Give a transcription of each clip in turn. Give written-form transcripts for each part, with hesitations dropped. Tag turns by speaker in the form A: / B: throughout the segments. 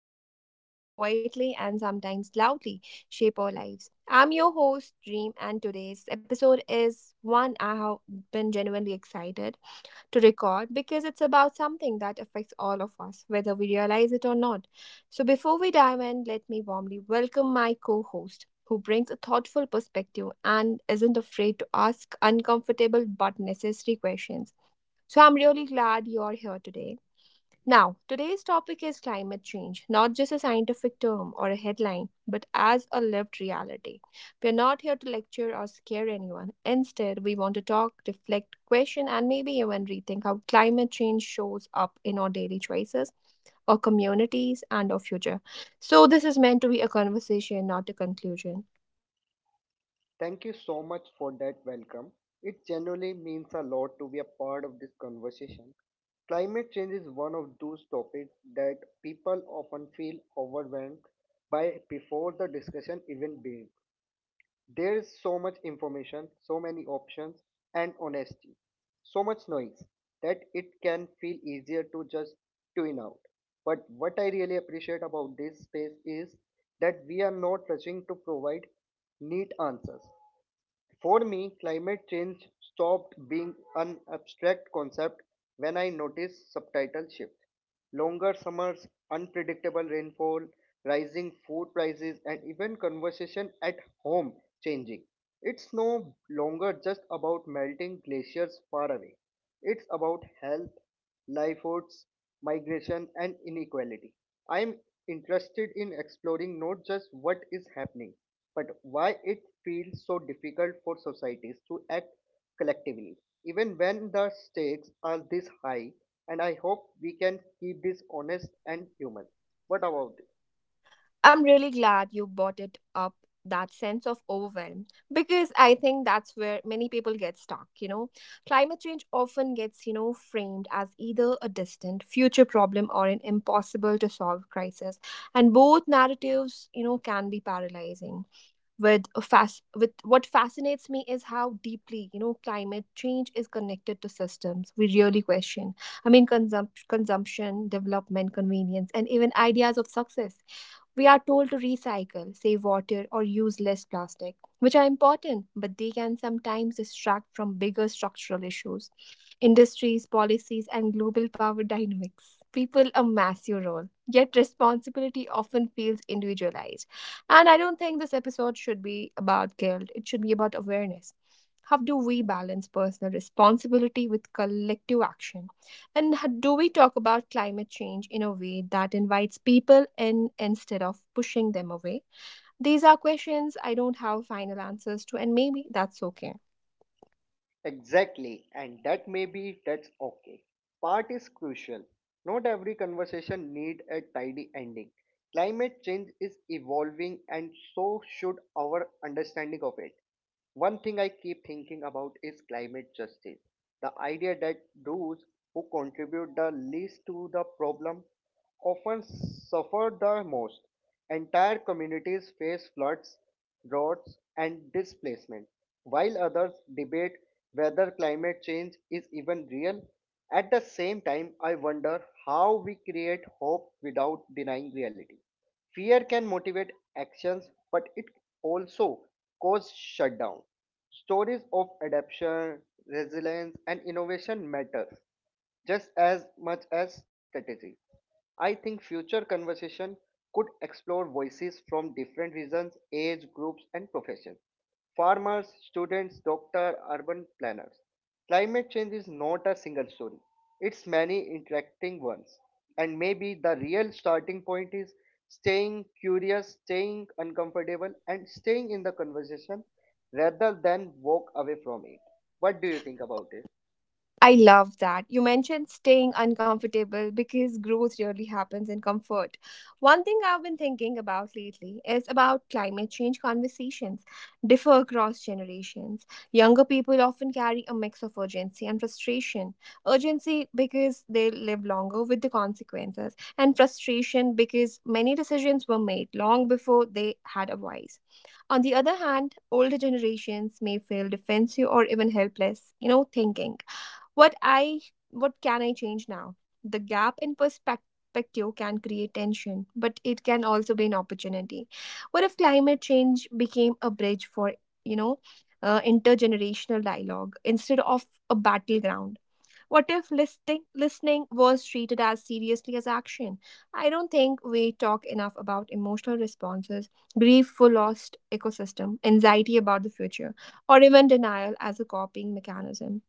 A: quiet and that quietly and sometimes loudly shape our lives. I'm your host, Dream, and today's episode is one I have been genuinely excited to record because it's about something that affects all of us, whether we realize it or not. So, before we dive in, let me warmly welcome my co host, who brings a thoughtful perspective and isn't afraid to ask uncomfortable but necessary questions. So, I'm really glad you're here today. Now, today's topic is climate change, not just a scientific term or a headline, but as a lived reality. We are not here to lecture or scare anyone. Instead, we want to talk, reflect, question, and maybe even rethink how climate change shows up in our daily choices, our communities, and our future. So, this is meant to be a conversation, not a conclusion.
B: Thank you so much for that welcome. It genuinely means a lot to be a part of this conversation. Climate change is one of those topics that people often feel overwhelmed by before the discussion even begins. There is so much information, so many options, and honesty, so much noise that it can feel easier to just tune out. But what I really appreciate about this space is that we are not rushing to provide neat answers. For me, climate change stopped being an abstract concept when I noticed subtitle shift. Longer summers, unpredictable rainfall, rising food prices, and even conversation at home changing. It's no longer just about melting glaciers far away. It's about health, livelihoods, migration, and inequality. I am interested in exploring not just what is happening, but why it feels so difficult for societies to act collectively, even when the stakes are this high. And I hope we can keep this honest and human. What about?
A: I'm really glad you brought it up that sense of overwhelm because I think that's where many people get stuck. Climate change often gets, framed as either a distant future problem or an impossible to solve crisis. And both narratives, can be paralyzing. With what fascinates me is how deeply, climate change is connected to systems we really question. I mean, consumption, development, convenience, and even ideas of success we are told to recycle, save water, or use less plastic, which are important, but they can sometimes distract from bigger structural issues industries, policies, and global power dynamics. People a massive role, yet responsibility often feels individualized. And I don't think this episode should be about guilt, it should be about awareness. How do we balance personal responsibility with collective action? And do we talk about climate change in a way that invites people in instead of pushing them away? These are questions I don't have final answers to, and maybe that's okay.
B: Exactly, and that may be that's okay. Part is crucial. Not every conversation need a tidy ending. Climate change is evolving and so should our understanding of it. One thing I keep thinking about is climate justice. The idea that those who contribute the least to the problem often suffer the most. Entire communities face floods, droughts, and displacement, while others debate whether climate change is even real. At the same time, I wonder how we create hope without denying reality. Fear can motivate actions, but it also causes shutdown. Stories of adaptation, resilience, and innovation matter just as much as strategy. I think future conversation could explore voices from different regions, age groups, and professions. Farmers, students, doctors, urban planners. Climate change is not a single story, it's many interacting ones. And maybe the real starting point is staying curious, staying uncomfortable, and staying in the conversation rather than walk away from it. What do you think about it?
A: I love that. You mentioned staying uncomfortable because growth really happens in comfort. One thing I've been thinking about lately is about climate change conversations differ across generations. Younger people often carry a mix of urgency and frustration. Urgency because they live longer with the consequences, and frustration because many decisions were made long before they had a voice. On the other hand, older generations may feel defensive or even helpless, you know, thinking. What I what can I change now? The gap in perspective can create tension, but it can also be an opportunity. What if climate change became a bridge for, you know, intergenerational dialogue instead of a battleground? What if listening was treated as seriously as action? I don't think we talk enough about emotional responses, grief for lost ecosystem, anxiety about the future, or even denial as a coping mechanism.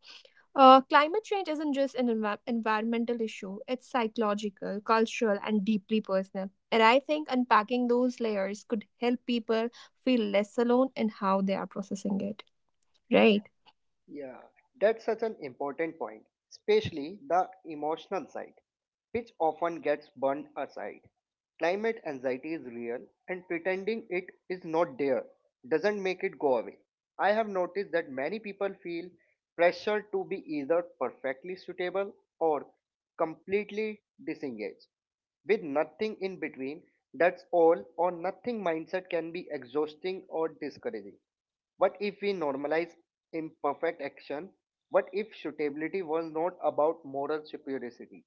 A: Climate change isn't just an environmental issue, it's psychological, cultural, and deeply personal. And I think unpacking those layers could help people feel less alone in how they are processing it. Right.
B: Yeah, that's such an important point, especially the emotional side, which often gets burned aside. Climate anxiety is real, and pretending it is not there doesn't make it go away. I have noticed that many people feel pressure to be either perfectly suitable or completely disengaged, with nothing in between. That's all or nothing mindset can be exhausting or discouraging. What if we normalize imperfect action? What if suitability was not about moral superiority,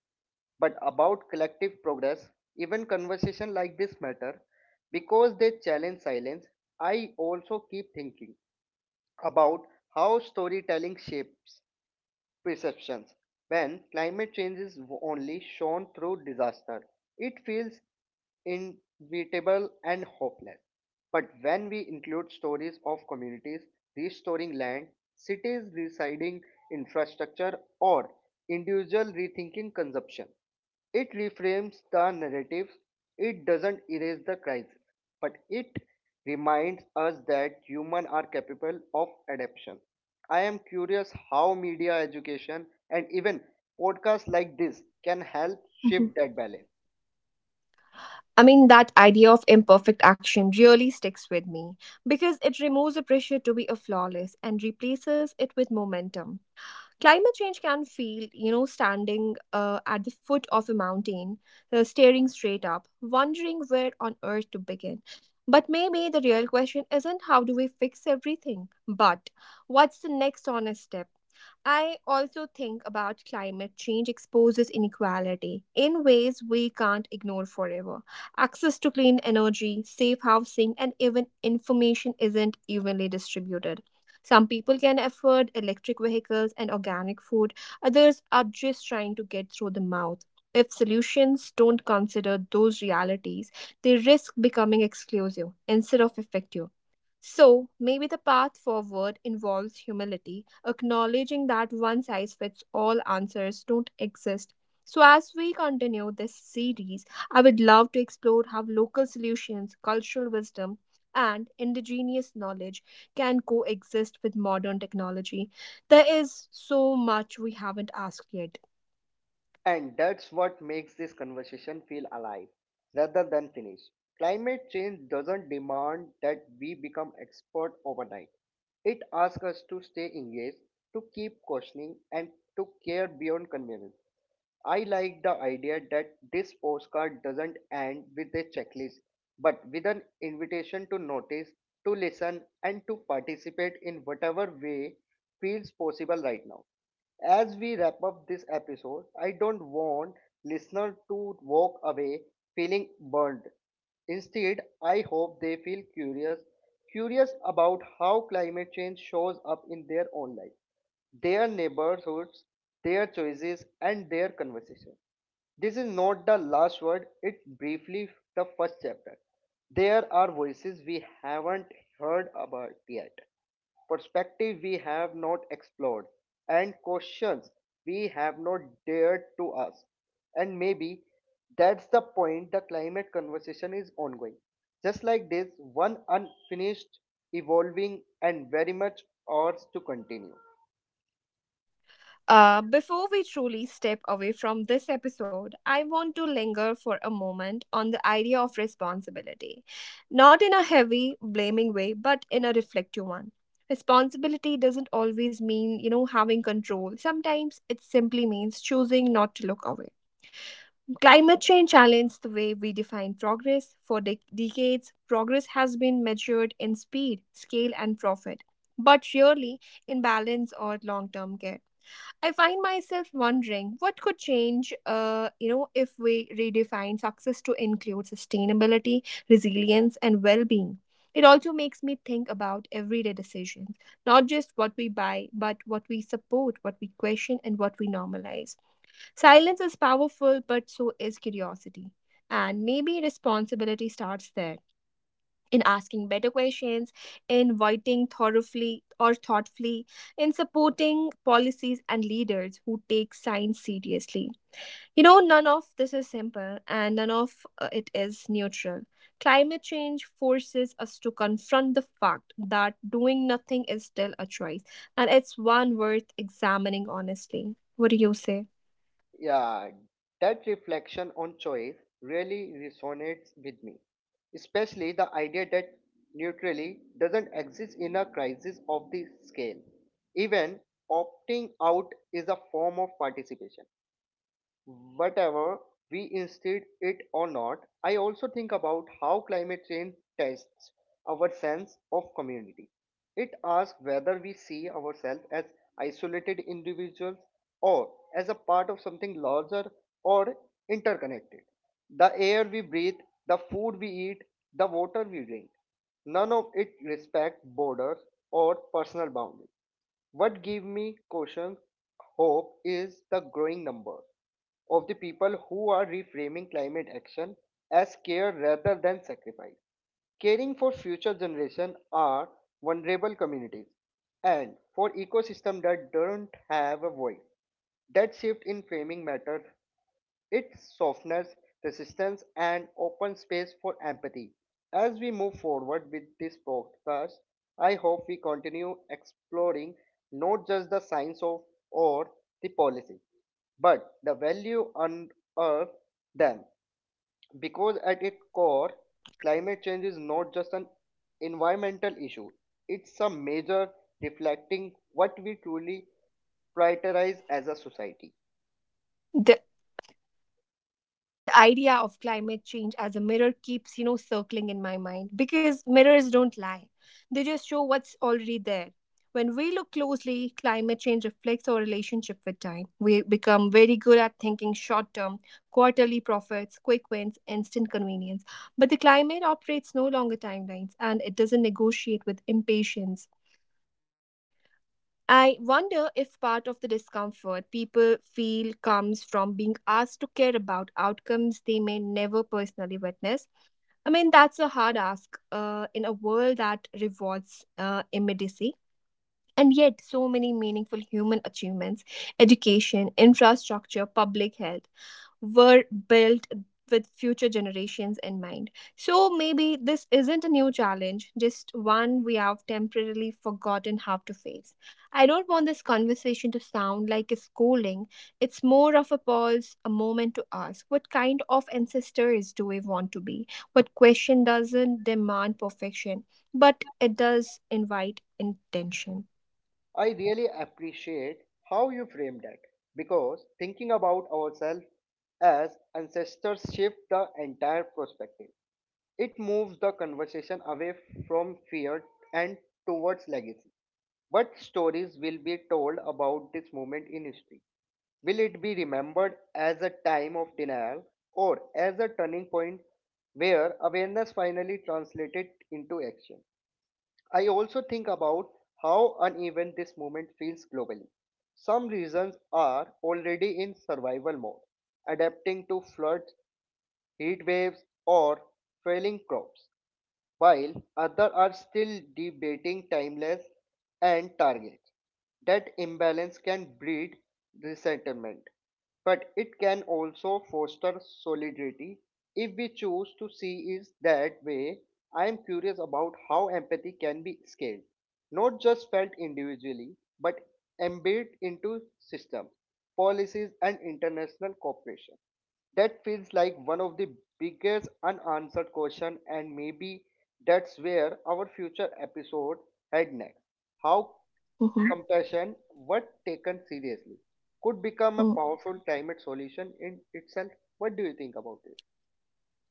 B: but about collective progress? Even conversation like this matter because they challenge silence. I also keep thinking about how storytelling shapes perceptions. When climate change is only shown through disaster, it feels inevitable and hopeless. But when we include stories of communities restoring land, cities residing infrastructure, or individual rethinking consumption, it reframes the narrative, it doesn't erase the crisis, but it reminds us that humans are capable of adaptation. I am curious how media education and even podcasts like this can help
A: Mhm.
B: shift that balance.
A: I mean, that idea of imperfect action really sticks with me because it removes the pressure to be a flawless and replaces it with momentum. Climate change can feel, you know, standing at the foot of a mountain, staring straight up, wondering where on earth to begin. But maybe the real question isn't how do we fix everything, but what's the next honest step? I also think about climate change exposes inequality in ways we can't ignore forever. Access to clean energy, safe housing, and even information isn't evenly distributed. Some people can afford electric vehicles and organic food, others are just trying to get through the mouth. If solutions don't consider those realities, they risk becoming exclusive instead of effective. So, maybe the path forward involves humility acknowledging that one size fits all answers don't exist. So, as we continue this series, I would love to explore how local solutions, cultural wisdom, and indigenous knowledge can coexist with modern technology. There is so much we haven't asked yet.
B: And that's what makes this conversation feel alive rather than finished. Climate change doesn't demand that we become expert overnight. It asks us to stay engaged, to keep questioning, and to care beyond convenience. I like the idea that this postcard doesn't end with a checklist, but with an invitation to notice, to listen, and to participate in whatever way feels possible right now. As we wrap up this episode, I don't want listeners to walk away feeling burnt. Instead, I hope they feel curious, curious about how climate change shows up in their own life, their neighborhoods, their choices, and their conversation. This is not the last word, it's briefly the first chapter. There are voices we haven't heard about yet, perspective we have not explored, and questions we have not dared to ask. And maybe that's the point, the climate conversation is ongoing. Just like this, one unfinished, evolving, and very much ours to continue.
A: Before we truly step away from this episode, I want to linger for a moment on the idea of responsibility. Not in a heavy, blaming way, but in a reflective one. Responsibility doesn't always mean, you know, having control. Sometimes it simply means choosing not to look away. Climate change challenged the way we define progress. For decades, progress has been measured in speed, scale, and profit, but rarely in balance or long term care. I find myself wondering what could change, if we redefine success to include sustainability, resilience, and well-being. It also makes me think about everyday decisions, not just what we buy, but what we support, what we question, and what we normalize. Silence is powerful, but so is curiosity. And maybe responsibility starts there in asking better questions, in voting thoroughly or thoughtfully, in supporting policies and leaders who take science seriously. None of this is simple and none of it is neutral. Climate change forces us to confront the fact that doing nothing is still a choice, and it's one worth examining honestly. What do you say?
B: Yeah, that reflection on choice really resonates with me, especially the idea that neutrality doesn't exist in a crisis of this scale. Even opting out is a form of participation. Whatever we insist it or not, I also think about how climate change tests our sense of community. It asks whether we see ourselves as isolated individuals or as a part of something larger or interconnected. The air we breathe, the food we eat, the water we drink, none of it respects borders or personal boundaries. What gives me cautious hope is the growing number of the people who are reframing climate action as care rather than sacrifice. Caring for future generations are vulnerable communities and for ecosystems that don't have a voice. That shift in framing matters, it softens resistance and opens space for empathy. As we move forward with this podcast, I hope we continue exploring not just the science of or the policy, but the value unearthed them. Because at its core, climate change is not just an environmental issue, it's a major reflecting what we truly prioritize as a society.
A: The idea of climate change as a mirror keeps circling in my mind because mirrors don't lie. They just show what's already there. When we look closely, climate change reflects our relationship with time. We become very good at thinking short term, quarterly profits, quick wins, instant convenience, but the climate operates no longer timelines and it doesn't negotiate with impatience. I wonder if part of the discomfort people feel comes from being asked to care about outcomes they may never personally witness. I mean, that's a hard ask in a world that rewards immediacy. And yet, so many meaningful human achievements, education, infrastructure, public health, were built with future generations in mind. So maybe this isn't a new challenge, just one we have temporarily forgotten how to face. I don't want this conversation to sound like a scolding. It's more of a pause, a moment to ask what kind of ancestors do we want to be? What question doesn't demand perfection, but it does invite intention?
B: I really appreciate how you framed that because thinking about ourselves as ancestors shift the entire perspective. It moves the conversation away from fear and towards legacy. What stories will be told about this moment in history? Will it be remembered as a time of denial or as a turning point where awareness finally translated into action? I also think about how uneven this movement feels globally. Some regions are already in survival mode, adapting to floods, heat waves, or failing crops while others are still debating timelines and targets. That imbalance can breed resentment, but it can also foster solidarity if we choose to see it that way. I am curious about how empathy can be scaled, not just felt individually, but embedded into systems, policies, and international cooperation. That feels like one of the biggest unanswered question, and maybe that's where our future episode head next. How
A: Mhm.
B: compassion, what taken seriously, could become a powerful climate solution in itself. What do you think about it?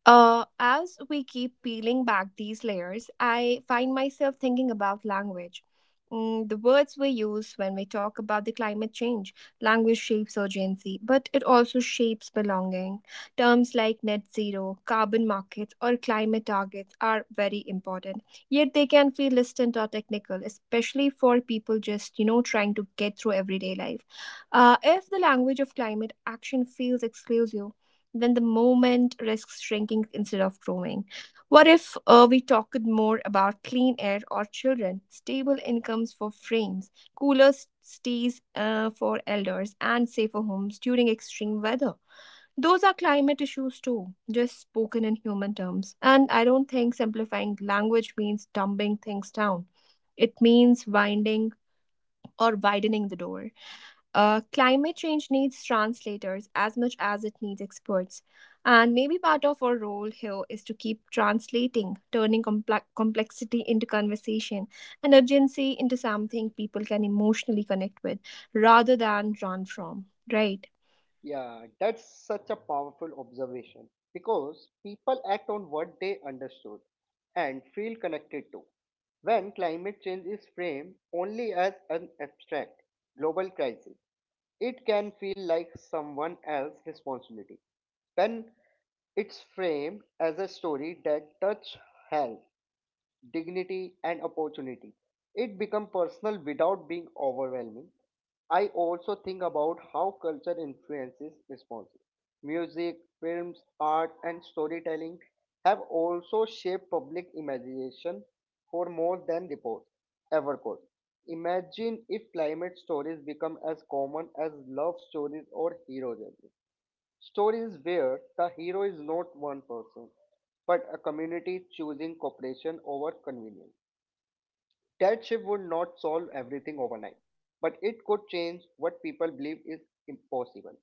A: As we keep peeling back these layers, I find myself thinking about language. The words we use when we talk about the climate change. Language shapes urgency, but it also shapes belonging. Terms like net zero, carbon markets, or climate targets are very important. Yet they can feel distant or technical, especially for people just, you know, trying to get through everyday life. If the language of climate action feels exclusive, then the moment risks shrinking instead of growing. What if we talked more about clean air or children, stable incomes for frames, cooler stays for elders, and safer homes during extreme weather? Those are climate issues too, just spoken in human terms. And I don't think simplifying language means dumbing things down. It means winding or widening the door. Climate change needs translators as much as it needs experts. And maybe part of our role here is to keep translating, turning complexity into conversation and urgency into something people can emotionally connect with rather than run from, right?
B: Yeah, that's such a powerful observation because people act on what they understood and feel connected to. When climate change is framed only as an abstract global crisis, it can feel like someone else's responsibility. When it's framed as a story that touches health, dignity, and opportunity, it becomes personal without being overwhelming. I also think about how culture influences responses. Music, films, art, and storytelling have also shaped public imagination for more than reports ever could. Imagine if climate stories become as common as love stories or hero journeys. Stories where the hero is not one person, but a community choosing cooperation over convenience. That shift would not solve everything overnight, but it could change what people believe is impossible.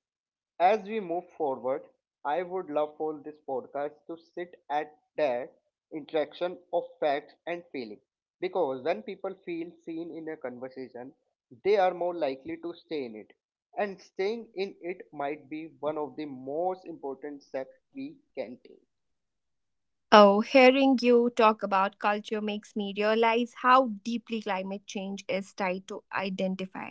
B: As we move forward, I would love for this podcast to sit at that interaction of facts and feeling. Because when people feel seen in a conversation, they are more likely to stay in it. And staying in it might be one of the most important steps we can take.
A: Oh, hearing you talk about culture makes me realize how deeply climate change is tied to identify,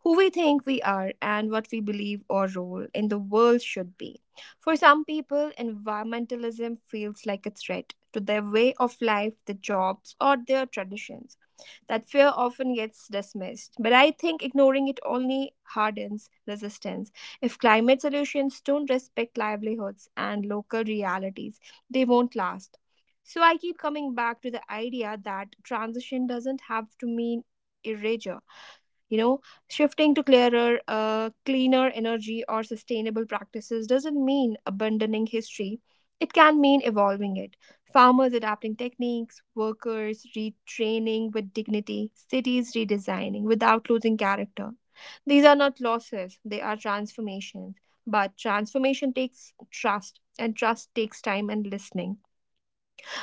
A: who we think we are and what we believe our role in the world should be. For some people, environmentalism feels like a threat to their way of life, their jobs, or their traditions. That fear often gets dismissed, but I think ignoring it only hardens resistance. If climate solutions don't respect livelihoods and local realities, they won't last. So I keep coming back to the idea that transition doesn't have to mean erasure. You know, shifting to clearer, cleaner energy or sustainable practices doesn't mean abandoning history. It can mean evolving it. Farmers adapting techniques, workers retraining with dignity, cities redesigning without losing character. These are not losses, they are transformations. But transformation takes trust, and trust takes time and listening.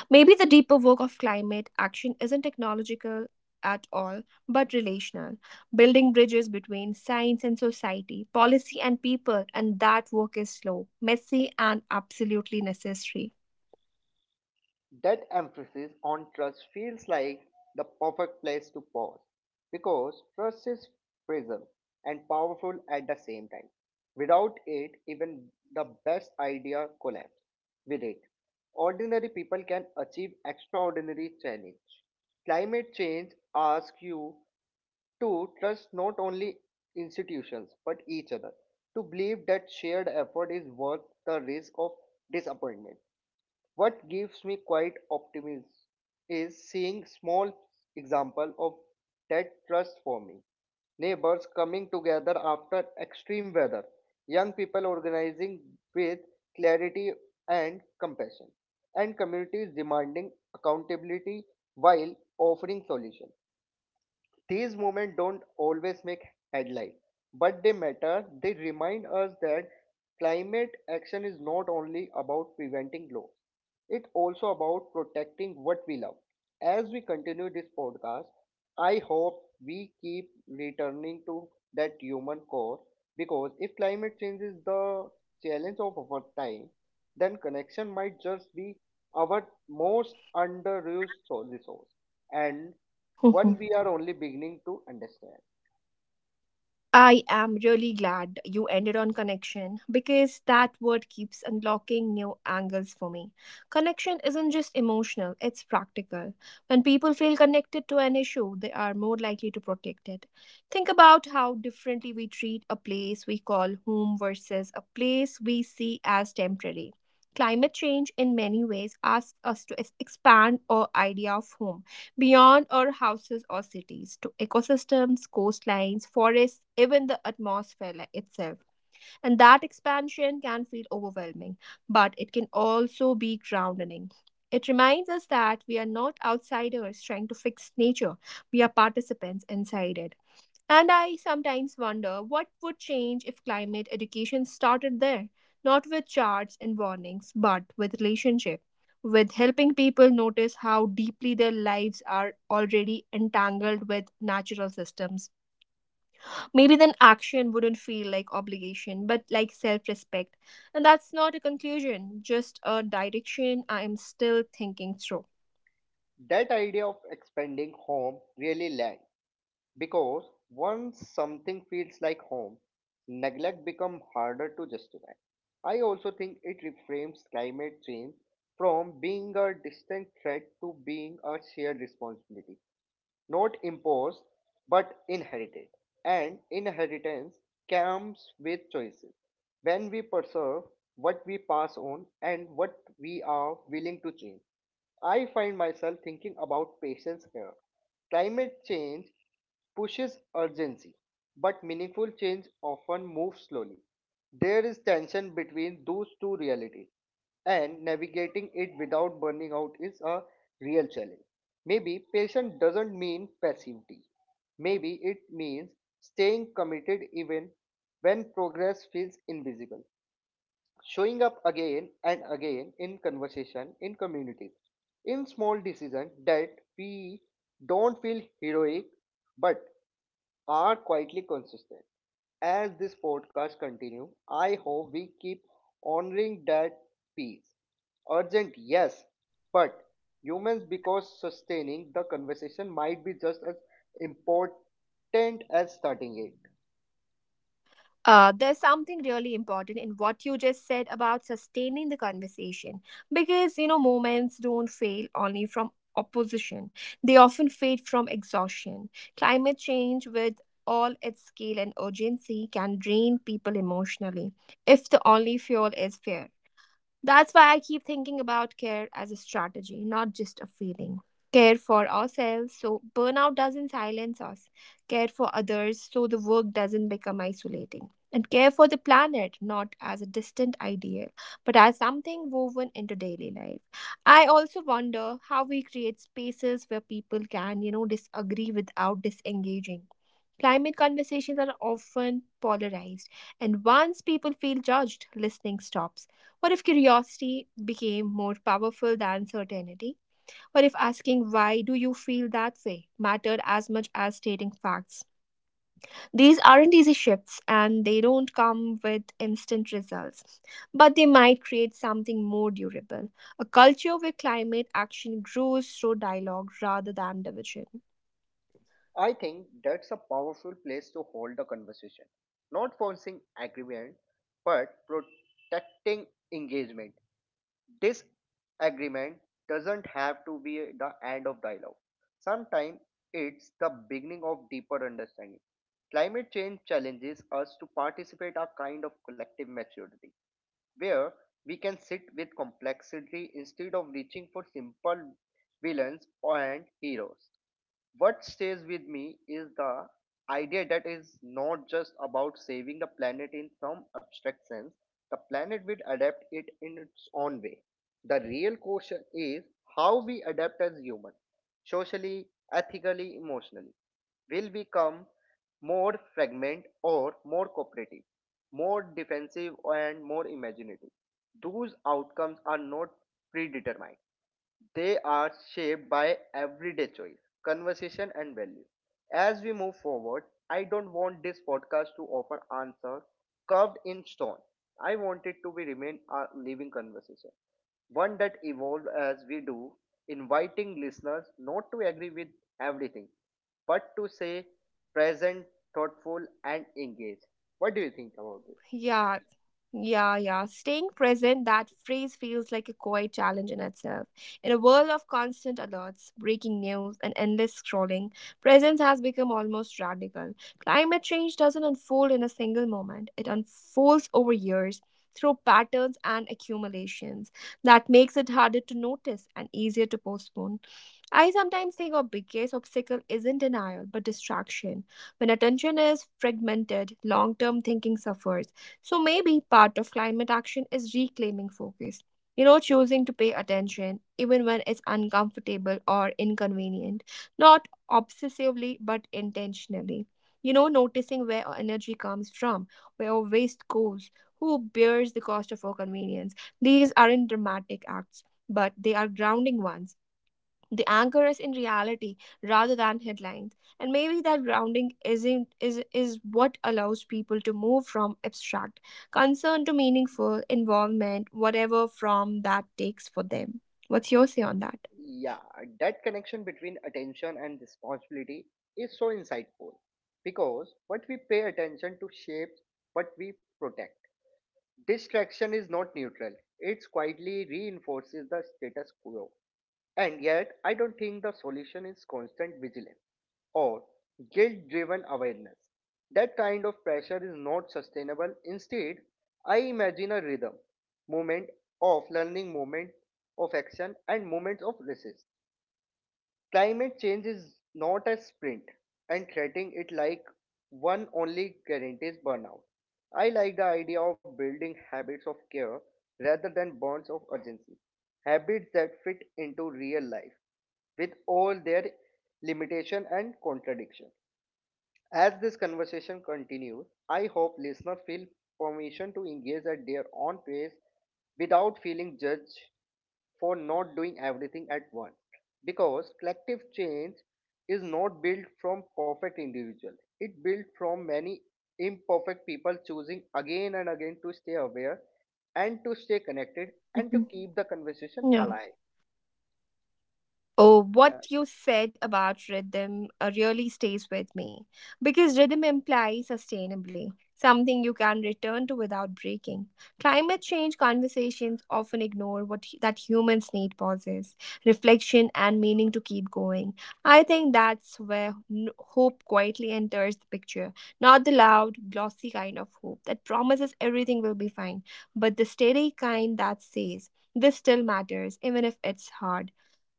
A: Maybe the deeper work of climate action isn't technological at all, but relational, building bridges between science and society, policy and people, and that work is slow, messy, and absolutely necessary.
B: That emphasis on trust feels like the perfect place to pause because trust is fragile and powerful at the same time. Without it, even the best idea collapse. With it, ordinary people can achieve extraordinary challenge. Climate change asks you to trust not only institutions but each other, to believe that shared effort is worth the risk of disappointment. What gives me quite optimism is seeing small example of that trust forming. Neighbors coming together after extreme weather, young people organizing with clarity and compassion, and communities demanding accountability while offering solutions. These moments don't always make headlines, but they matter. They remind us that climate action is not only about preventing loss, it's also about protecting what we love. As we continue this podcast, I hope we keep returning to that human core because if climate change is the challenge of our time, then connection might just be our most underused resource. And one we are only beginning to understand.
A: I am really glad you ended on connection because that word keeps unlocking new angles for me. Connection isn't just emotional, it's practical. When people feel connected to an issue, they are more likely to protect it. Think about how differently we treat a place we call home versus a place we see as temporary. Climate change, in many ways, asks us to expand our idea of home beyond our houses or cities to ecosystems, coastlines, forests, even the atmosphere itself. And that expansion can feel overwhelming, but it can also be grounding. It reminds us that we are not outsiders trying to fix nature, we are participants inside it. And I sometimes wonder what would change if climate education started there, not with charts and warnings, but with relationship, with helping people notice how deeply their lives are already entangled with natural systems. Maybe then action wouldn't feel like obligation, but like self respect. And that's not a conclusion, just a direction I am still thinking through.
B: That idea of expanding home really lands because once something feels like home, neglect becomes harder to justify. I also think it reframes climate change from being a distant threat to being a shared responsibility, not imposed but inherited. And inheritance comes with choices. When we preserve what we pass on and what we are willing to change. I find myself thinking about patience here. Climate change pushes urgency, but meaningful change often moves slowly. There is tension between those two realities, and navigating it without burning out is a real challenge. Maybe patience doesn't mean passivity. Maybe it means staying committed even when progress feels invisible. Showing up again and again in conversation, in communities, in small decisions that we don't feel heroic but are quietly consistent. As this podcast continues, I hope we keep honoring that peace. Urgent, yes, but humans, because sustaining the conversation might be just as important as starting it.
A: There's something really important in what you just said about sustaining the conversation because moments don't fail only from opposition, they often fade from exhaustion. Climate change, with all its scale and urgency, can drain people emotionally if the only fuel is fear. That's why I keep thinking about care as a strategy, not just a feeling. Care for ourselves so burnout doesn't silence us, care for others so the work doesn't become isolating, and care for the planet not as a distant ideal but as something woven into daily life. I also wonder how we create spaces where people can, you know, disagree without disengaging. Climate conversations are often polarized, and once people feel judged, listening stops. What if curiosity became more powerful than certainty? What if asking why do you feel that way mattered as much as stating facts? These aren't easy shifts and they don't come with instant results, but they might create something more durable, a culture where climate action grows through dialogue rather than division.
B: I think that's a powerful place to hold the conversation. Not forcing agreement, but protecting engagement. This agreement doesn't have to be the end of dialogue. Sometimes it's the beginning of deeper understanding. Climate change challenges us to participate a kind of collective maturity where we can sit with complexity instead of reaching for simple villains and heroes. What stays with me is the idea that is not just about saving the planet in some abstract sense. The planet will adapt it in its own way. The real question is how we adapt as humans, socially, ethically, emotionally. Will we become more fragmented or more cooperative, more defensive and more imaginative? Those outcomes are not predetermined. They are shaped by everyday choice, conversation, and value. As we move forward, I don't want this podcast to offer answers carved in stone. I want it to be remain a living conversation, one that evolves as we do, inviting listeners not to agree with everything, but to say present, thoughtful, and engaged. What do you think about it?
A: Yeah, yeah, yeah. Staying present, that phrase feels like a quiet challenge in itself. In a world of constant alerts, breaking news, and endless scrolling, presence has become almost radical. Climate change doesn't unfold in a single moment, it unfolds over years. Through patterns and accumulations. That makes it harder to notice and easier to postpone. I sometimes think our biggest obstacle isn't denial, but distraction. When attention is fragmented, long term thinking suffers. So maybe part of climate action is reclaiming focus. You know, choosing to pay attention, even when it's uncomfortable or inconvenient. Not obsessively, but intentionally. You know, noticing where our energy comes from, where our waste goes, who bears the cost of our convenience. These aren't dramatic acts, but they are grounding ones, the anchor is in reality rather than headlines. And maybe that grounding isn't is what allows people to move from abstract concern to meaningful involvement, whatever from that takes for them. What's your say on that?
B: Yeah, that connection between attention and responsibility is so insightful because what we pay attention to shapes what we protect. Distraction is not neutral, it quietly reinforces the status quo. And yet, I don't think the solution is constant vigilance or guilt driven awareness. That kind of pressure is not sustainable. Instead, I imagine a rhythm, moment of learning, moment of action, and moments of resist. Climate change is not a sprint, and treating it like one only guarantees burnout. I like the idea of building habits of care rather than bonds of urgency, habits that fit into real life with all their limitation and contradiction. As this conversation continues, I hope listeners feel permission to engage at their own pace without feeling judged for not doing everything at once. Because collective change is not built from perfect individuals, it built from many imperfect people choosing again and again to stay aware and to stay connected and to
A: Mhm.
B: keep the conversation
A: Yeah.
B: alive.
A: Oh, what
B: Yeah.
A: you said about rhythm really stays with me because rhythm implies sustainably, something you can return to without breaking. Climate change conversations often ignore that humans need pauses, reflection and meaning to keep going. I think that's where hope quietly enters the picture, not the loud, glossy kind of hope that promises everything will be fine, but the steady kind that says this still matters even if it's hard.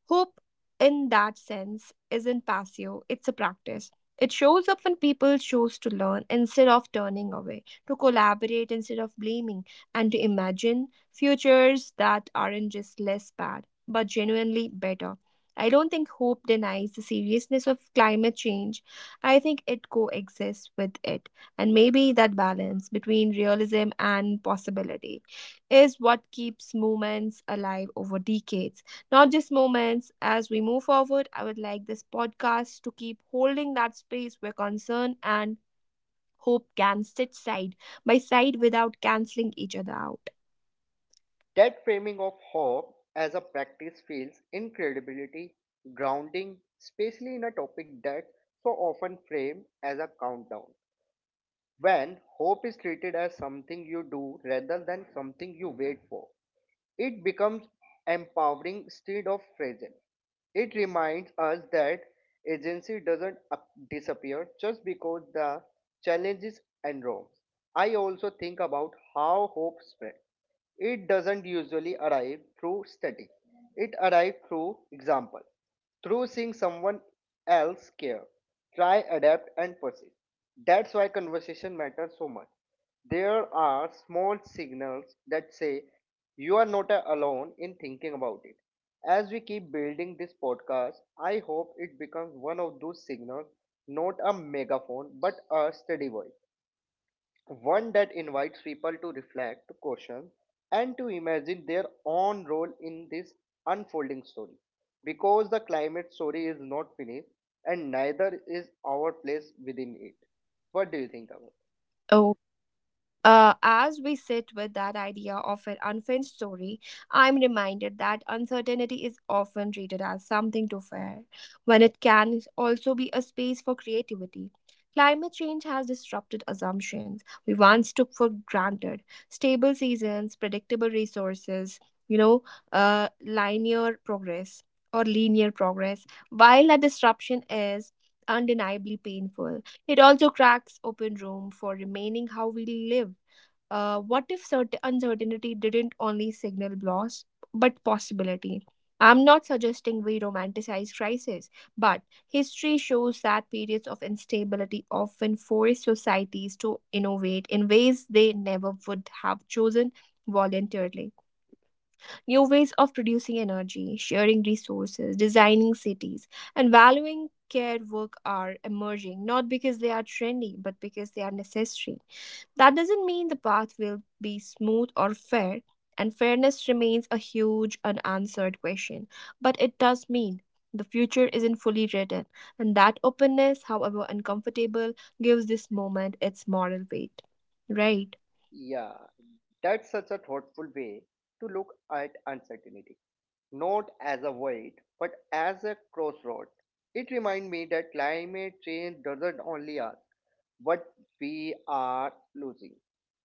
A: Hope, in that sense, isn't passive, it's a practice. It shows up when people choose to learn instead of turning away, to collaborate instead of blaming, and to imagine futures that aren't just less bad, but genuinely better. I don't think hope denies the seriousness of climate change. I think it coexists with it. And maybe that balance between realism and possibility is what keeps movements alive over decades, not just moments. As we move forward, I would like this podcast to keep holding that space where concern and hope can sit side by side without canceling each other out.
B: That framing of hope as a practice feels incredibility grounding, especially in a topic that so often framed as a countdown. When hope is treated as something you do rather than something you wait for, it becomes empowering instead of fragile. It reminds us that agency doesn't disappear just because the challenges enormous. I also think about how hope spreads. It doesn't usually arrive through study. It arrives through example through seeing someone else care, try, adapt, and persist. That's why conversation matters so much. There are small signals that say you are not alone in thinking about it. As we keep building this podcast, I hope it becomes one of those signals, not a megaphone, but a steady voice one that invites people to reflect, to question, and to imagine their own role in this unfolding story. Because the climate story is not finished, and neither is our place within it. What do you think about it?
A: Oh. As we sit with that idea of an unfinished story, I'm reminded that uncertainty is often treated as something to fear, when it can also be a space for creativity. Climate change has disrupted assumptions we once took for granted, stable seasons, predictable resources, you know, uh, linear progress linear progress. While that disruption is undeniably painful, it also cracks open room for remaining how we live. What if certain uncertainty didn't only signal loss but possibility? I'm not suggesting we romanticize crisis, but history shows that periods of instability often force societies to innovate in ways they never would have chosen voluntarily. New ways of producing energy, sharing resources, designing cities, and valuing care work are emerging not because they are trendy but because they are necessary. That doesn't mean the path will be smooth or fair, and fairness remains a huge unanswered question. But it does mean the future isn't fully written, and that openness, however uncomfortable, gives this moment its moral weight. Right?
B: Yeah, that's such a thoughtful way to look at uncertainty, not as a void, but as a crossroad. It reminds me that climate change doesn't only ask what we are losing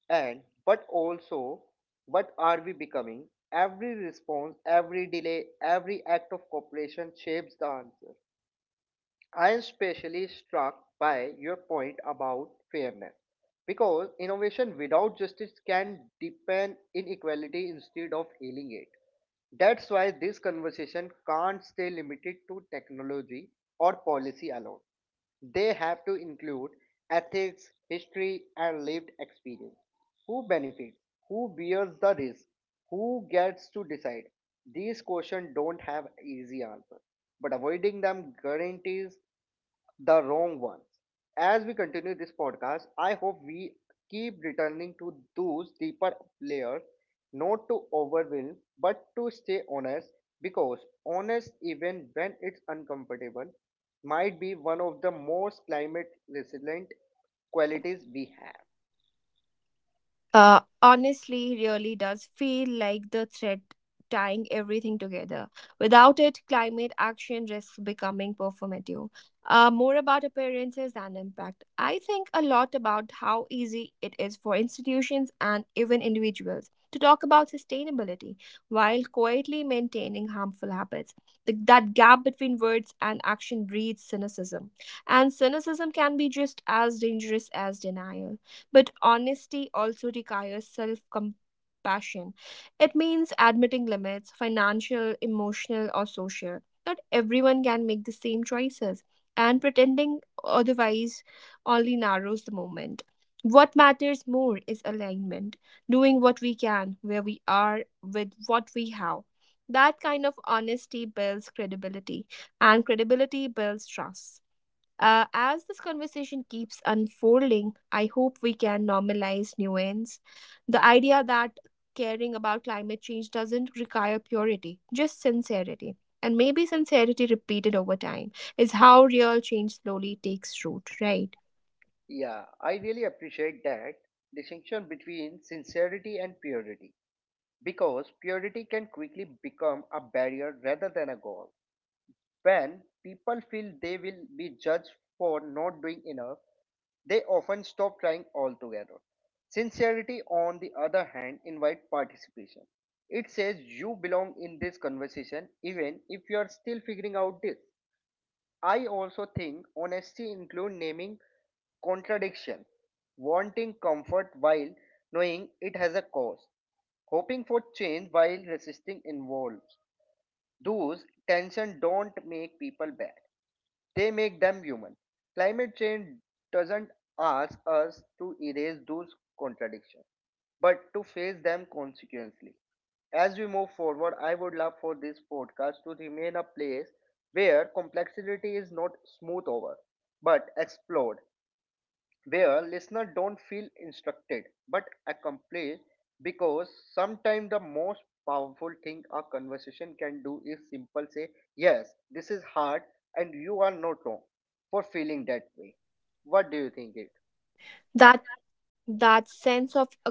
B: and but also what are we becoming. Every response, every delay, every act of cooperation shapes the answer. I am especially struck by your point about fairness, because innovation without justice can deepen inequality instead of healing it. That's why this conversation can't stay limited to technology or policy alone. They have to include ethics, history, and lived experience. Who benefits? Who bears the risk? Who gets to decide? These questions don't have easy answers, but avoiding them guarantees the wrong ones. As we continue this podcast, I hope we keep returning to those deeper layers, not to overwhelm, but to stay honest, because honest, even when it's uncomfortable, might be one of the most climate resilient qualities we have.
A: Honestly really does feel like the thread tying everything together. Without it, climate action risks becoming performative, more about appearances than impact. I think a lot about how easy it is for institutions and even individuals to talk about sustainability while quietly maintaining harmful habits. That gap between words and action breeds cynicism, and cynicism can be just as dangerous as denial. But honesty also requires self compassion. It means admitting limits, financial, emotional, or social. Not everyone can make the same choices, and pretending otherwise only narrows the moment. What matters more is alignment, doing what we can, where we are, with what we have. That kind of honesty builds credibility, and credibility builds trust. As this conversation keeps unfolding, I hope we can normalize nuance. The idea that caring about climate change doesn't require purity, just sincerity. And maybe sincerity repeated over time is how real change slowly takes root, right?
B: Yeah, I really appreciate that distinction between sincerity and purity because purity can quickly become a barrier rather than a goal. When people feel they will be judged for not doing enough, they often stop trying altogether. Sincerity, on the other hand, invites participation. It says you belong in this conversation even if you are still figuring out this. I also think honesty includes naming contradiction, wanting comfort while knowing it has a cause, hoping for change while resisting involves. Those tension don't make people bad. They make them human. Climate change doesn't ask us to erase those contradictions, but to face them consequently. As we move forward, I would love for this podcast to remain a place where complexity is not smoothed over but explored, where listeners don't feel instructed but accomplished, because sometimes the most powerful thing a conversation can do is simple say yes, this is hard, and you are not wrong for feeling that way. What do you think it?
A: That that sense of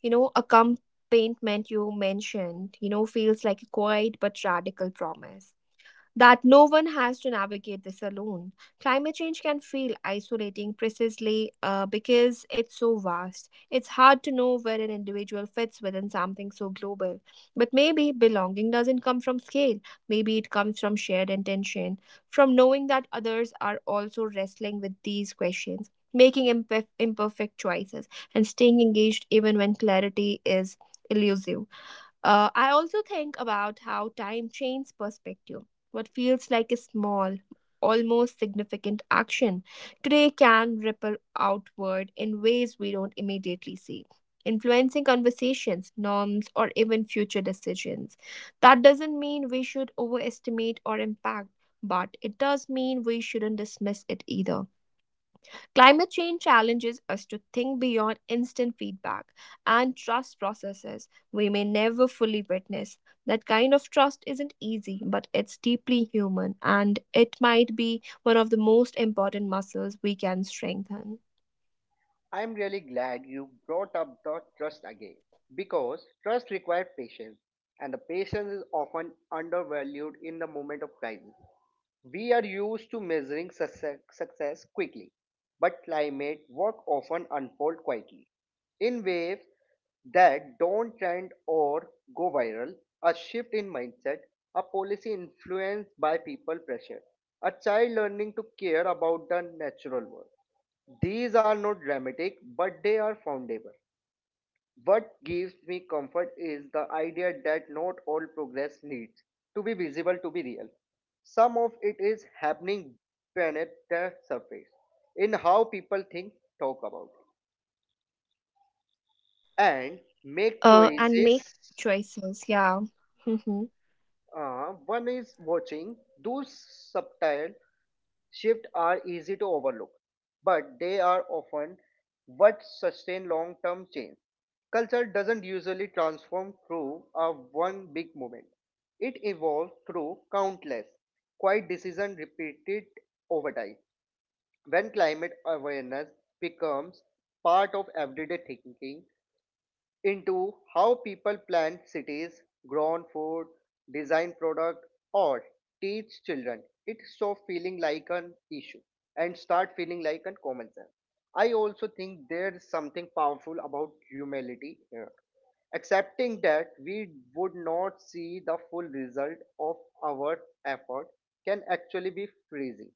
A: accompaniment you mentioned, you know, feels like a quiet but radical promise. That no one has to navigate this alone. Climate change can feel isolating precisely because it's so vast. It's hard to know where an individual fits within something so global. But maybe belonging doesn't come from scale, maybe it comes from shared intention, from knowing that others are also wrestling with these questions. Making imperfect choices and staying engaged even when clarity is elusive. I also think about how time changes perspective. What feels like a small, almost significant action today can ripple outward in ways we don't immediately see, influencing conversations, norms, or even future decisions. That doesn't mean we should overestimate or impact, but it does mean we shouldn't dismiss it either. Climate change challenges us to think beyond instant feedback and trust processes we may never fully witness. That kind of trust isn't easy, but it's deeply human, and it might be one of the most important muscles we can strengthen.
B: I'm really glad you brought up the trust again because trust requires patience, and the patience is often undervalued in the moment of crisis. We are used to measuring success, quickly, but climate work often unfolds quietly in waves that don't trend or go viral, a shift in mindset, a policy influenced by people pressure, a child learning to care about the natural world. These are not dramatic, but they are foundable. What gives me comfort is the idea that not all progress needs to be visible to be real. Some of it is happening beneath the surface in how people think, talk about, and make
A: And make
B: choices.
A: choices. Yeah. Hmm.
B: One is watching those subtle shifts are easy to overlook, but they are often what sustain long term change. Culture doesn't usually transform through a one big movement. It evolves through countless quiet decisions repeated over time. When climate awareness becomes part of everyday thinking, into how people plan cities, grown food, design product, or teach children, it stops feeling like an issue and start feeling like a common sense. I also think there's something powerful about humility here. Accepting that we would not see the full result of our effort can actually be freezing.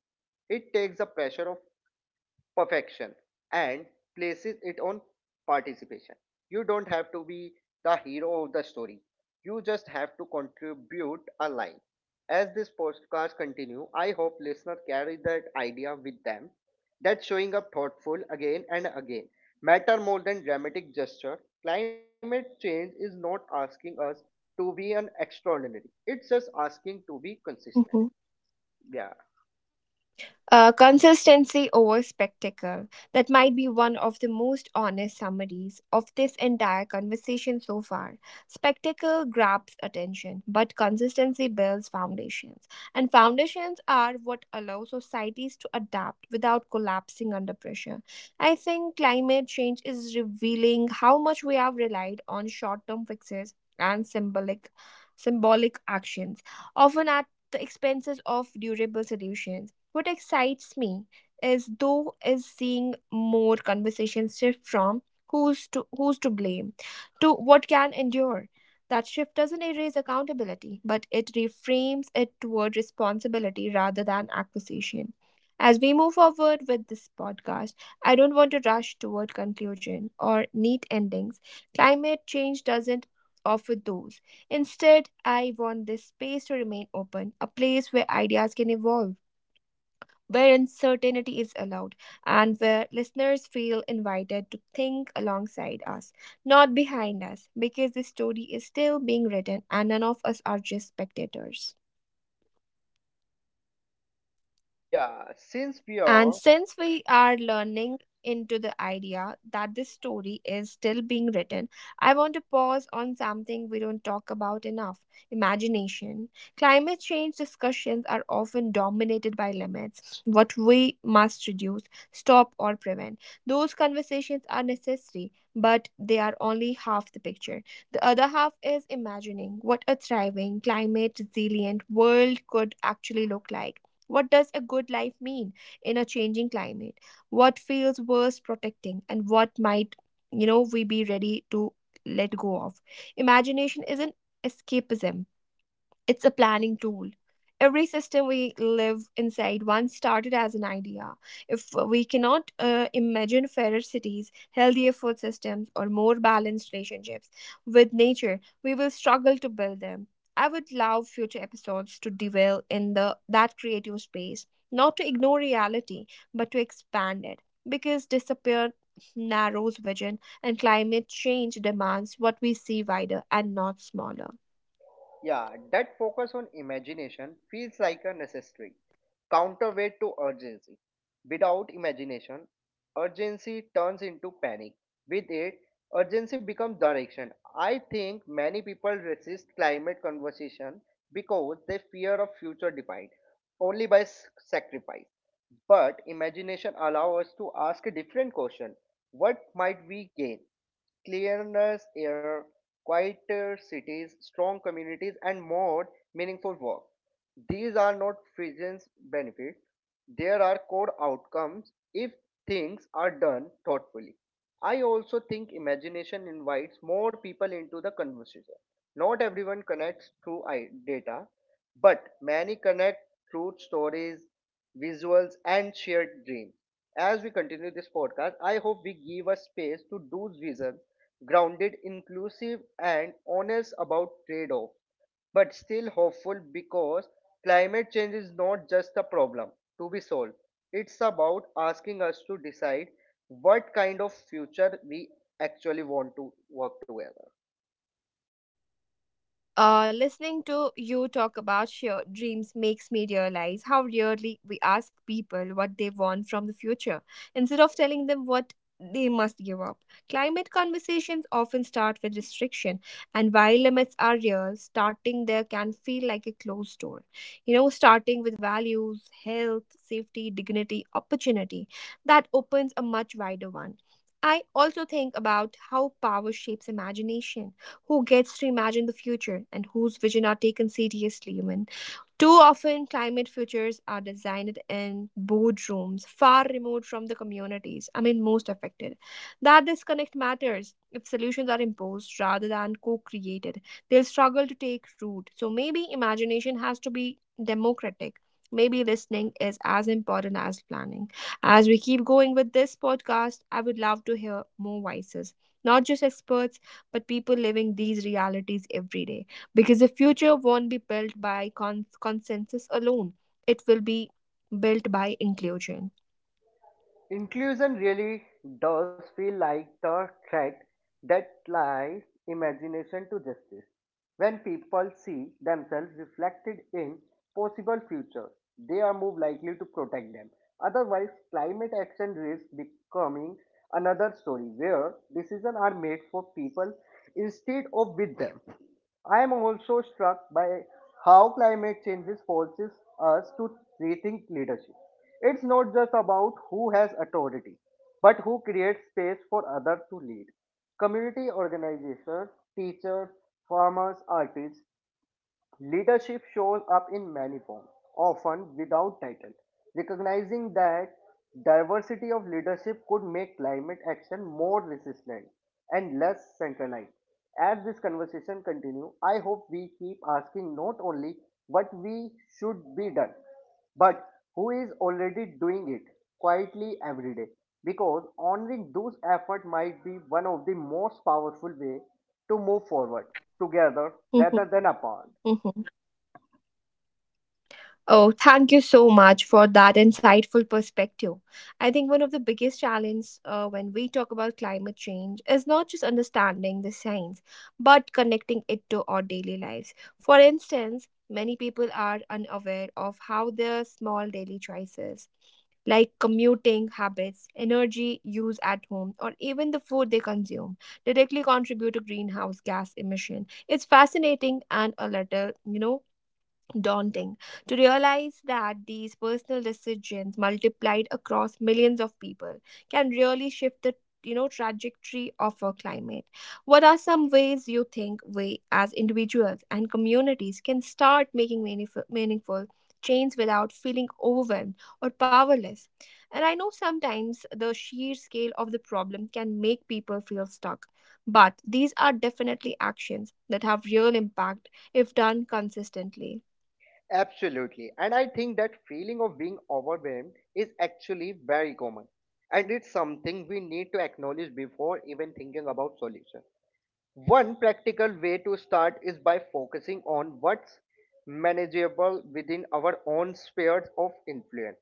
B: It takes the pressure of perfection and places it on participation. You don't have to be the hero of the story. You just have to contribute a line. As this podcast continue, I hope listeners carry that idea with them that showing up thoughtful again and again matter more than dramatic gesture. Climate change is not asking us to be an extraordinary. It's just asking to be consistent. Yeah.
A: Consistency over spectacle. That might be one of the most honest summaries of this entire conversation so far. Spectacle grabs attention, but consistency builds foundations. And foundations are what allow societies to adapt without collapsing under pressure. I think climate change is revealing how much we have relied on short term fixes and symbolic actions, often at the expenses of durable solutions. What excites me is, though, is seeing more conversations shift from who's to blame to what can endure. That shift doesn't erase accountability, but it reframes it toward responsibility rather than accusation. As we move forward with this podcast, I don't want to rush toward conclusion or neat endings. Climate change doesn't offer those. Instead, I want this space to remain open, a place where ideas can evolve, where uncertainty is allowed, and where listeners feel invited to think alongside us, not behind us, because the story is still being written and none of us are just spectators.
B: Yeah. Since we
A: And
B: are
A: since we are learning into the idea that this story is still being written, I want to pause on something we don't talk about enough, imagination. Climate change discussions are often dominated by limits, what we must reduce, stop, or prevent. Those conversations are necessary, but they are only half the picture. The other half is imagining what a thriving, climate resilient world could actually look like. What does a good life mean in a changing climate, what feels worth protecting and what might, we be ready to let go of. Imagination is an escapism, it's a planning tool. Every system we live inside once started as an idea. If we cannot imagine fairer cities, healthier food systems, or more balanced relationships with nature, we will struggle to build them. I would love future episodes to dwell in the that creative space, not to ignore reality, but to expand it. Because disappear narrows vision and climate change demands what we see wider and not smaller.
B: Yeah, that focus on imagination feels like a necessary counterweight to urgency. Without imagination, urgency turns into panic. With it, urgency becomes direction. I think many people resist climate conversation because they fear of future defined only by sacrifice. But imagination allows us to ask a different question. What might we gain? Clearness, air, quieter cities, strong communities, and more meaningful work. These are not Fijian's benefits. There are core outcomes if things are done thoughtfully. I also think imagination invites more people into the conversation. Not everyone connects through data, but many connect through stories, visuals, and shared dreams. As we continue this podcast, I hope we give a space to those visions, grounded, inclusive, and honest about trade off but still hopeful, because climate change is not just a problem to be solved. It's about asking us to decide what kind of future we actually want to work together.
A: Listening to you talk about your dreams makes me realize how rarely we ask people what they want from the future instead of telling them what they must give up. Climate conversations often start with restriction, and while limits are real, starting there can feel like a closed door. You know, starting with values, health, safety, dignity, opportunity, that opens a much wider one. I also think about how power shapes imagination, who gets to imagine the future and whose vision are taken seriously. Too often, climate futures are designed in boardrooms far remote from the communities, I mean, most affected. That disconnect matters. If solutions are imposed rather than co created, they'll struggle to take root. So maybe imagination has to be democratic. Maybe listening is as important as planning. As we keep going with this podcast, I would love to hear more voices, not just experts, but people living these realities every day because the future won't be built by consensus alone, it will be built by inclusion.
B: Inclusion really does feel like the threat that lies imagination to justice. When people see themselves reflected in possible futures, they are more likely to protect them. Otherwise, climate action risks becoming another story where decisions are made for people instead of with them. I am also struck by how climate change forces us to rethink leadership. It's not just about who has authority, but who creates space for others to lead. Community organizations, teachers, farmers, artists, leadership shows up in many forms, often without title. Recognizing that diversity of leadership could make climate action more resilient and less centralized. As this conversation continues, I hope we keep asking not only what we should be done, but who is already doing it quietly every day. Because honoring those efforts might be one of the most powerful ways to move forward together
A: Mhm,
B: rather than apart.
A: mhm. Oh, thank you so much for that insightful perspective. I think one of the biggest challenges when we talk about climate change is not just understanding the science, but connecting it to our daily lives. For instance, many people are unaware of how their small daily choices, like commuting habits, energy use at home, or even the food they consume, directly contribute to greenhouse gas emission. It's fascinating and a little, daunting to realize that these personal decisions multiplied across millions of people can really shift the trajectory of our climate. What are some ways you think we as individuals and communities can start making meaningful change without feeling overwhelmed or powerless? And I know sometimes the sheer scale of the problem can make people feel stuck, but these are definitely actions that have real impact if done consistently.
B: Absolutely. And I think that feeling of being overwhelmed is actually very common. And it's something we need to acknowledge before even thinking about solution. One practical way to start is by focusing on what's manageable within our own spheres of influence.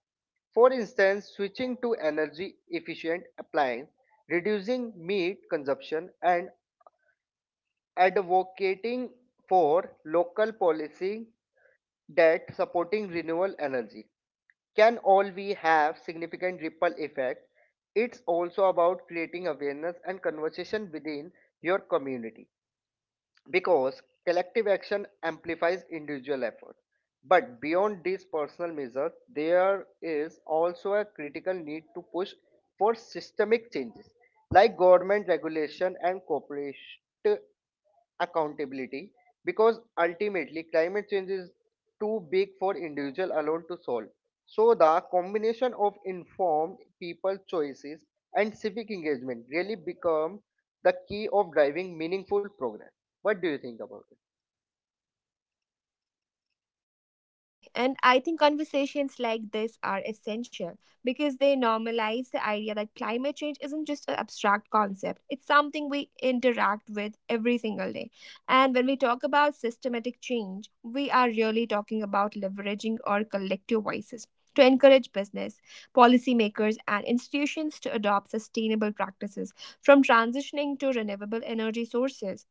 B: For instance, switching to energy efficient appliance, reducing meat consumption, and advocating for local policy that supporting renewable energy can all we have significant ripple effect. It's also about creating awareness and conversation within your community, because collective action amplifies individual effort. But beyond these personal measures, there is also a critical need to push for systemic changes like government regulation and corporate accountability, because ultimately climate change is too big for individual alone to solve. So the combination of informed people choices and civic engagement really become the key of driving meaningful progress. What do you think about it?
A: Exactly. And I think conversations like this are essential because they normalize the idea that climate change isn't just an abstract concept, it's something we interact with every single day. And when we talk about systematic change, we are really talking about leveraging our collective voices to encourage business, policymakers, and institutions to adopt sustainable practices, from transitioning to renewable energy sources,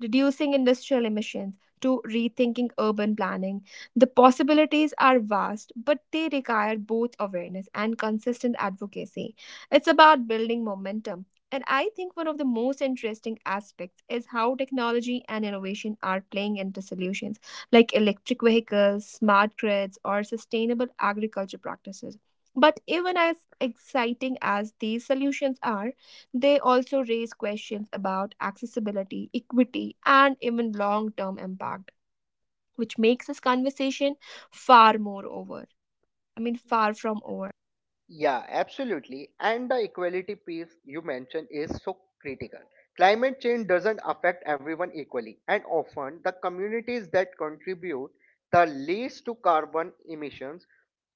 A: reducing industrial emissions, to rethinking urban planning. The possibilities are vast, but they require both awareness and consistent advocacy. It's about building momentum. And I think one of the most interesting aspects is how technology and innovation are playing into solutions like electric vehicles, smart grids, or sustainable agriculture practices. But even as exciting as these solutions are, they also raise questions about accessibility, equity, and even long term impact, which makes this conversation far more over. I mean, far from over. What do you
B: Yeah,
A: say?
B: absolutely. And the equality piece you mentioned is so critical. Climate change doesn't affect everyone equally, and often the communities that contribute the least to carbon emissions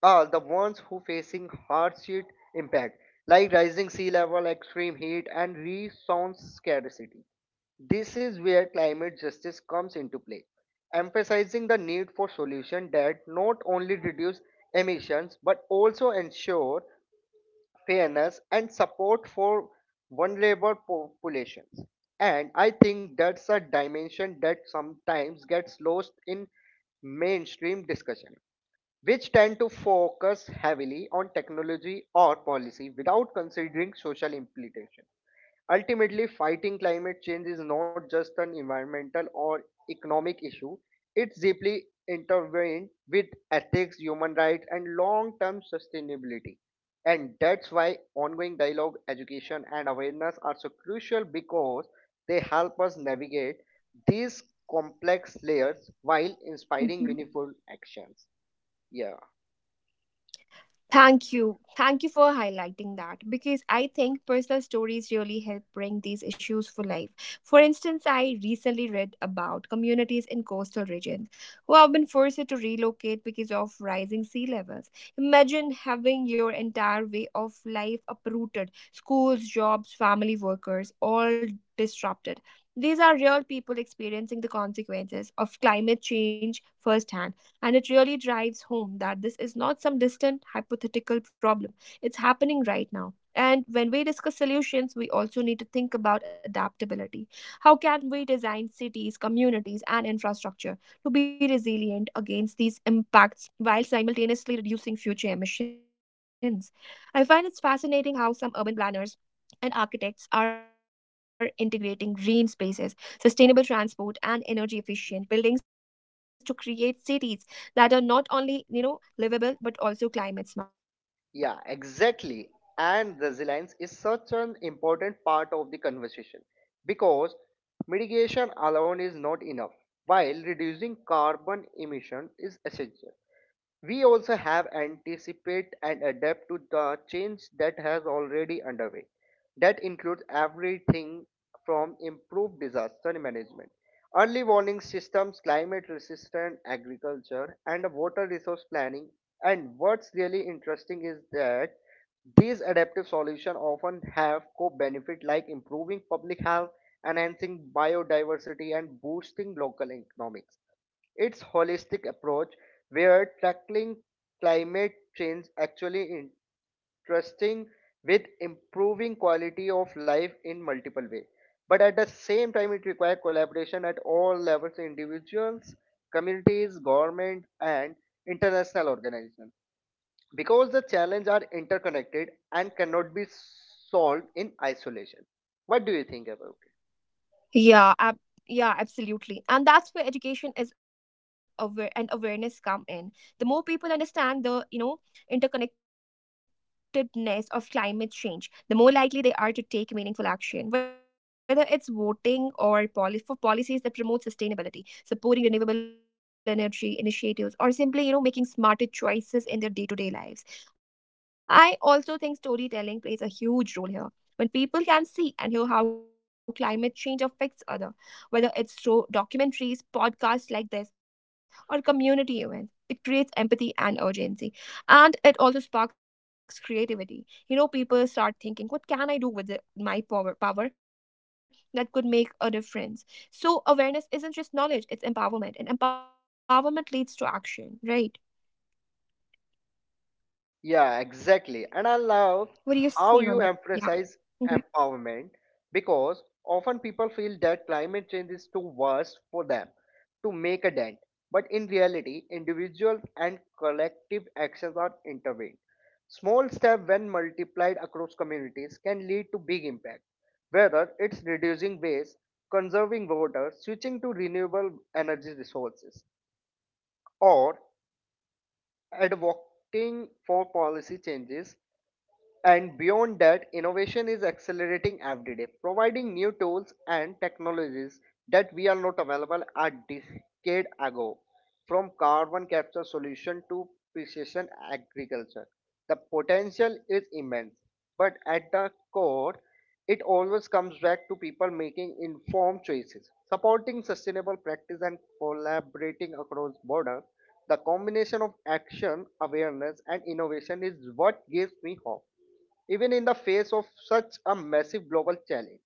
B: are the ones who facing hardship impact like rising sea level, extreme heat, and resource scarcity. This is where climate justice comes into play, emphasizing the need for solutions that not only reduce emissions but also ensure fairness and support for vulnerable populations. And I think that's a dimension that sometimes gets lost in mainstream discussion which tend to focus heavily on technology or policy without considering social implications. Ultimately, fighting climate change is not just an environmental or economic issue, it's deeply intertwined with ethics, human rights, and long term sustainability. And that's why ongoing dialogue, education, and awareness are so crucial because they help us navigate these complex layers while inspiring
A: Mm-hmm.
B: meaningful actions. Yeah.
A: Thank you. Thank you for highlighting that because I think personal stories really help bring these issues for life. For instance, I recently read about communities in coastal regions who have been forced to relocate because of rising sea levels. Imagine having your entire way of life uprooted, schools, jobs, family workers, all disrupted. These are real people experiencing the consequences of climate change firsthand. And it really drives home that this is not some distant hypothetical problem, it's happening right now. And when we discuss solutions, we also need to think about adaptability. How can we design cities, communities, and infrastructure to be resilient against these impacts while simultaneously reducing future emissions? I find it's fascinating how some urban planners and architects are integrating green spaces, sustainable transport, and energy efficient buildings to create cities that are not only, livable but also climate
B: Yeah,
A: smart.
B: exactly. And resilience is such an important part of the conversation because mitigation alone is not enough. While reducing carbon emission is essential, we also have anticipate and adapt to the change that has already underway. That includes everything from improved disaster management, early warning systems, climate resistant agriculture, and water resource planning. And what's really interesting is that these adaptive solutions often have co benefit like improving public health, enhancing biodiversity, and boosting local economics. Its holistic approach, where tackling climate change actually interesting with improving quality of life in multiple ways. But at the same time, it requires collaboration at all levels, individuals, communities, government, and international organizations. Because the challenges are interconnected and cannot be solved in isolation. What do you think about?
A: Yeah, ab- yeah, absolutely. And that's where education is aware and awareness come in. The more people understand the interconnectedness of climate change, the more likely they are to take meaningful action, whether it's voting or for policies that promote sustainability, supporting renewable energy initiatives, or simply, making smarter choices in their day-to-day lives. I also think storytelling plays a huge role here. When people can see and hear how climate change affects other, whether it's through documentaries, podcasts like this, or community events, it creates empathy and urgency. And it also sparks creativity. People start thinking, what can I do with my power that could make a difference? So awareness isn't just knowledge, it's empowerment, and empowerment leads to action, right?
B: Yeah, exactly. And I love
A: What do you
B: how
A: say on
B: you
A: that? Yeah.
B: emphasize
A: Mm-hmm.
B: empowerment because often people feel that climate change is too worse for them to make a dent. But in reality, individual and collective actions are intervened. Small steps, when multiplied across communities, can lead to big impact, whether it's reducing waste, conserving water, switching to renewable energy resources, or advocating for policy changes and beyond that, innovation is accelerating every day, providing new tools and technologies that we are not available a decade ago. From carbon capture solution to precision agriculture, the potential is immense. But at the core, it always comes back to people making informed choices, supporting sustainable practice, and collaborating across borders the combination of action, awareness, and innovation is what gives me hope, even in the face of such a massive global challenge.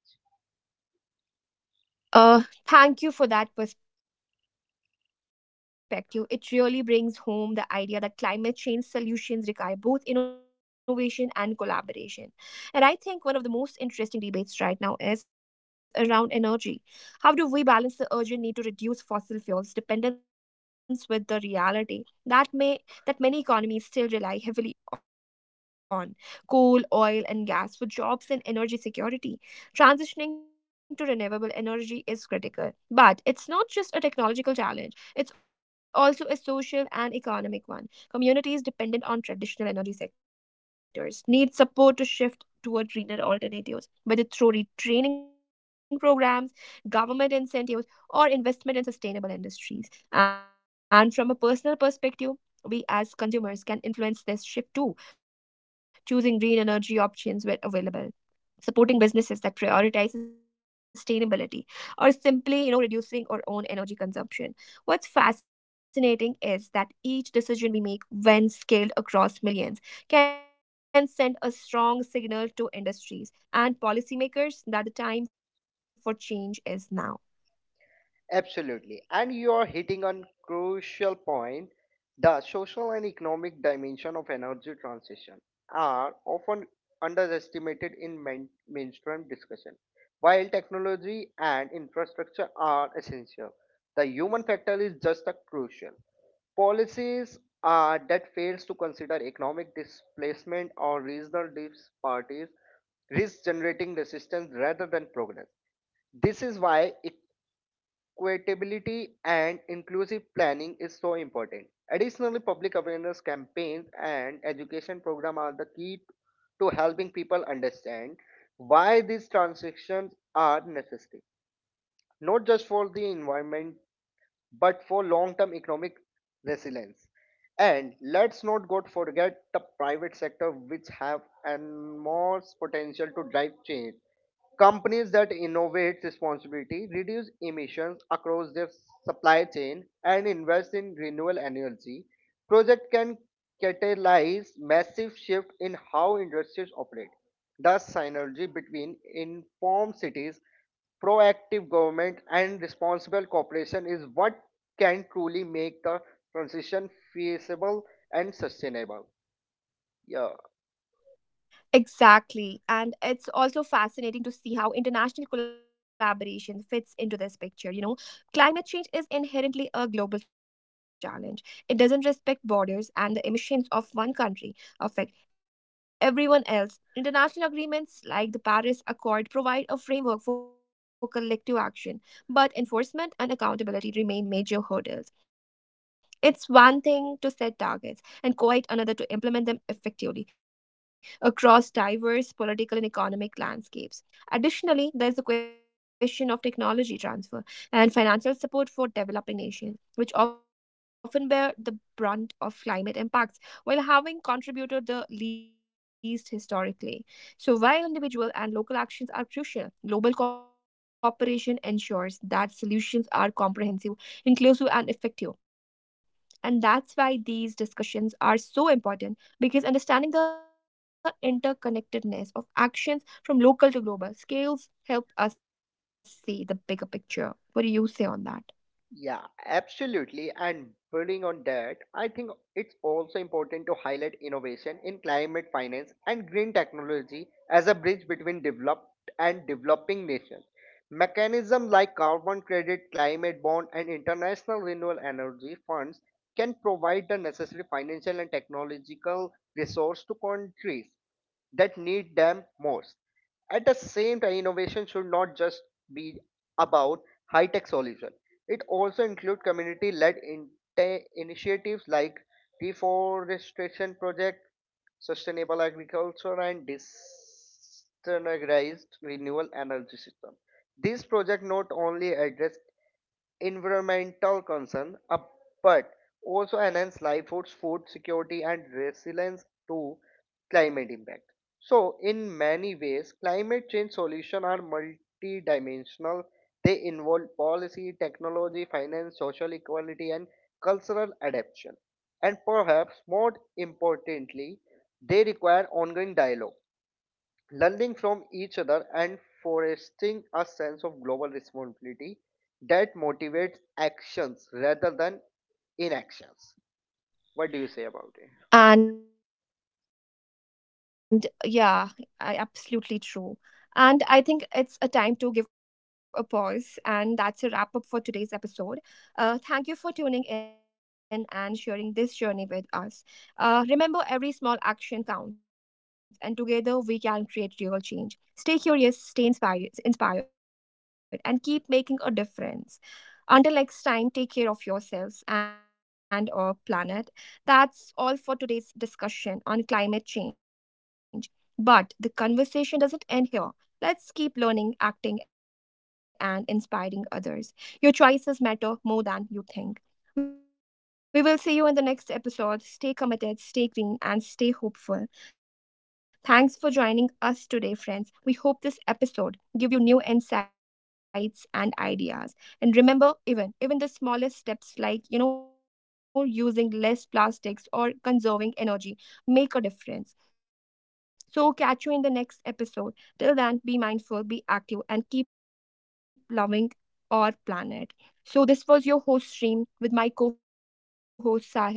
A: Uh, Thank you for that perspective. It really brings home the idea that climate change solutions require both innovation and collaboration. And I think one of the most interesting debates right now is around energy. How do we balance the urgent need to reduce fossil fuels dependence with the reality that may that many economies still rely heavily on coal, oil, and gas for jobs and energy security? Transitioning to renewable energy is critical, but it's not just a technological challenge, it's also a social and economic one. Communities dependent on traditional energy sectors need support to shift toward greener alternatives, whether through retraining programs, government incentives, or investment in sustainable industries. And from a personal perspective, we as consumers can influence this shift too, choosing green energy options where available, supporting businesses that prioritize sustainability, or simply, reducing our own energy consumption. What's fascinating is that each decision we make, when scaled across millions, can send a strong signal to industries and policymakers that the time for change is now.
B: Absolutely. And you are hitting on crucial point. The social and economic dimension of energy transition are often underestimated in mainstream discussion. While technology and infrastructure are essential, the human factor is just as crucial. Policies that fails to consider economic displacement or regional disparities risk generating resistance rather than progress. This is why equitability and inclusive planning is so important. Additionally, public awareness campaigns and education programs are the key to helping people understand why these transitions are necessary, not just for the environment but for long-term economic resilience. And let's not go forget the private sector, which have enormous potential to drive change. Companies that innovate responsibility, reduce emissions across their supply chain, and invest in renewable energy project can catalyze massive shift in how industries operate. The synergy between informed cities, proactive government, and responsible cooperation is what can truly make the transition feasible and sustainable. Yeah.
A: Exactly. And it's also fascinating to see how international collaboration fits into this picture. You know, climate change is inherently a global challenge, it doesn't respect borders, and the emissions of one country affect everyone else. International agreements like the Paris Accord provide a framework for collective action, but enforcement and accountability remain major hurdles. It's one thing to set targets and quite another to implement them effectively across diverse political and economic landscapes. Additionally, there is the question of technology transfer and financial support for developing nations, which often bear the brunt of climate impacts while having contributed the least historically. So, while individual and local actions are crucial, global cooperation ensures that solutions are comprehensive, inclusive, and effective. And that's why these discussions are so important, because understanding the interconnectedness of actions from local to global scales help us see the bigger picture. What do you say on that?
B: Yeah, absolutely. And building on that, I think it's also important to highlight innovation in climate finance and green technology as a bridge between developed and developing nations. Mechanisms like carbon credit, climate bond, and international renewable energy funds can provide the necessary financial and technological resource to countries that need them most. At the same time, innovation should not just be about high tech solutions it also includes community led initiatives like reforestation projects, sustainable agriculture, and disorganized renewable energy system. These projects not only address environmental concern, but also enhance livelihoods, food security, and resilience to climate impact. So, in many ways, climate change solutions are multidimensional. They involve policy, technology, finance, social equality, and cultural adaptation. And perhaps more importantly, they require ongoing dialogue learning from each other and fostering a sense of global responsibility that motivates actions rather than inactions. What do you say about it?
A: And yeah, I, absolutely true. And I think it's a time to give a pause. And that's a wrap up for today's episode. Thank you for tuning in and sharing this journey with us. Remember, every small action counts, and together we can create real change. Stay curious, stay inspired, and keep making a difference. Until next time, take care of yourselves and our planet. That's all for today's discussion on climate change. But the conversation doesn't end here. Let's keep learning, acting, and inspiring others. Your choices matter more than you think. We will see you in the next episode. Stay committed, stay green, and stay hopeful. Thanks for joining us today, friends. We hope this episode give you new insights and ideas. And remember, even the smallest steps, like using less plastics or conserving energy, make a difference. So catch you in the next episode. Till then, be mindful, be active, and keep loving our planet. So this was your host stream with my co host Sahil. Thank you for listening to us. Bye.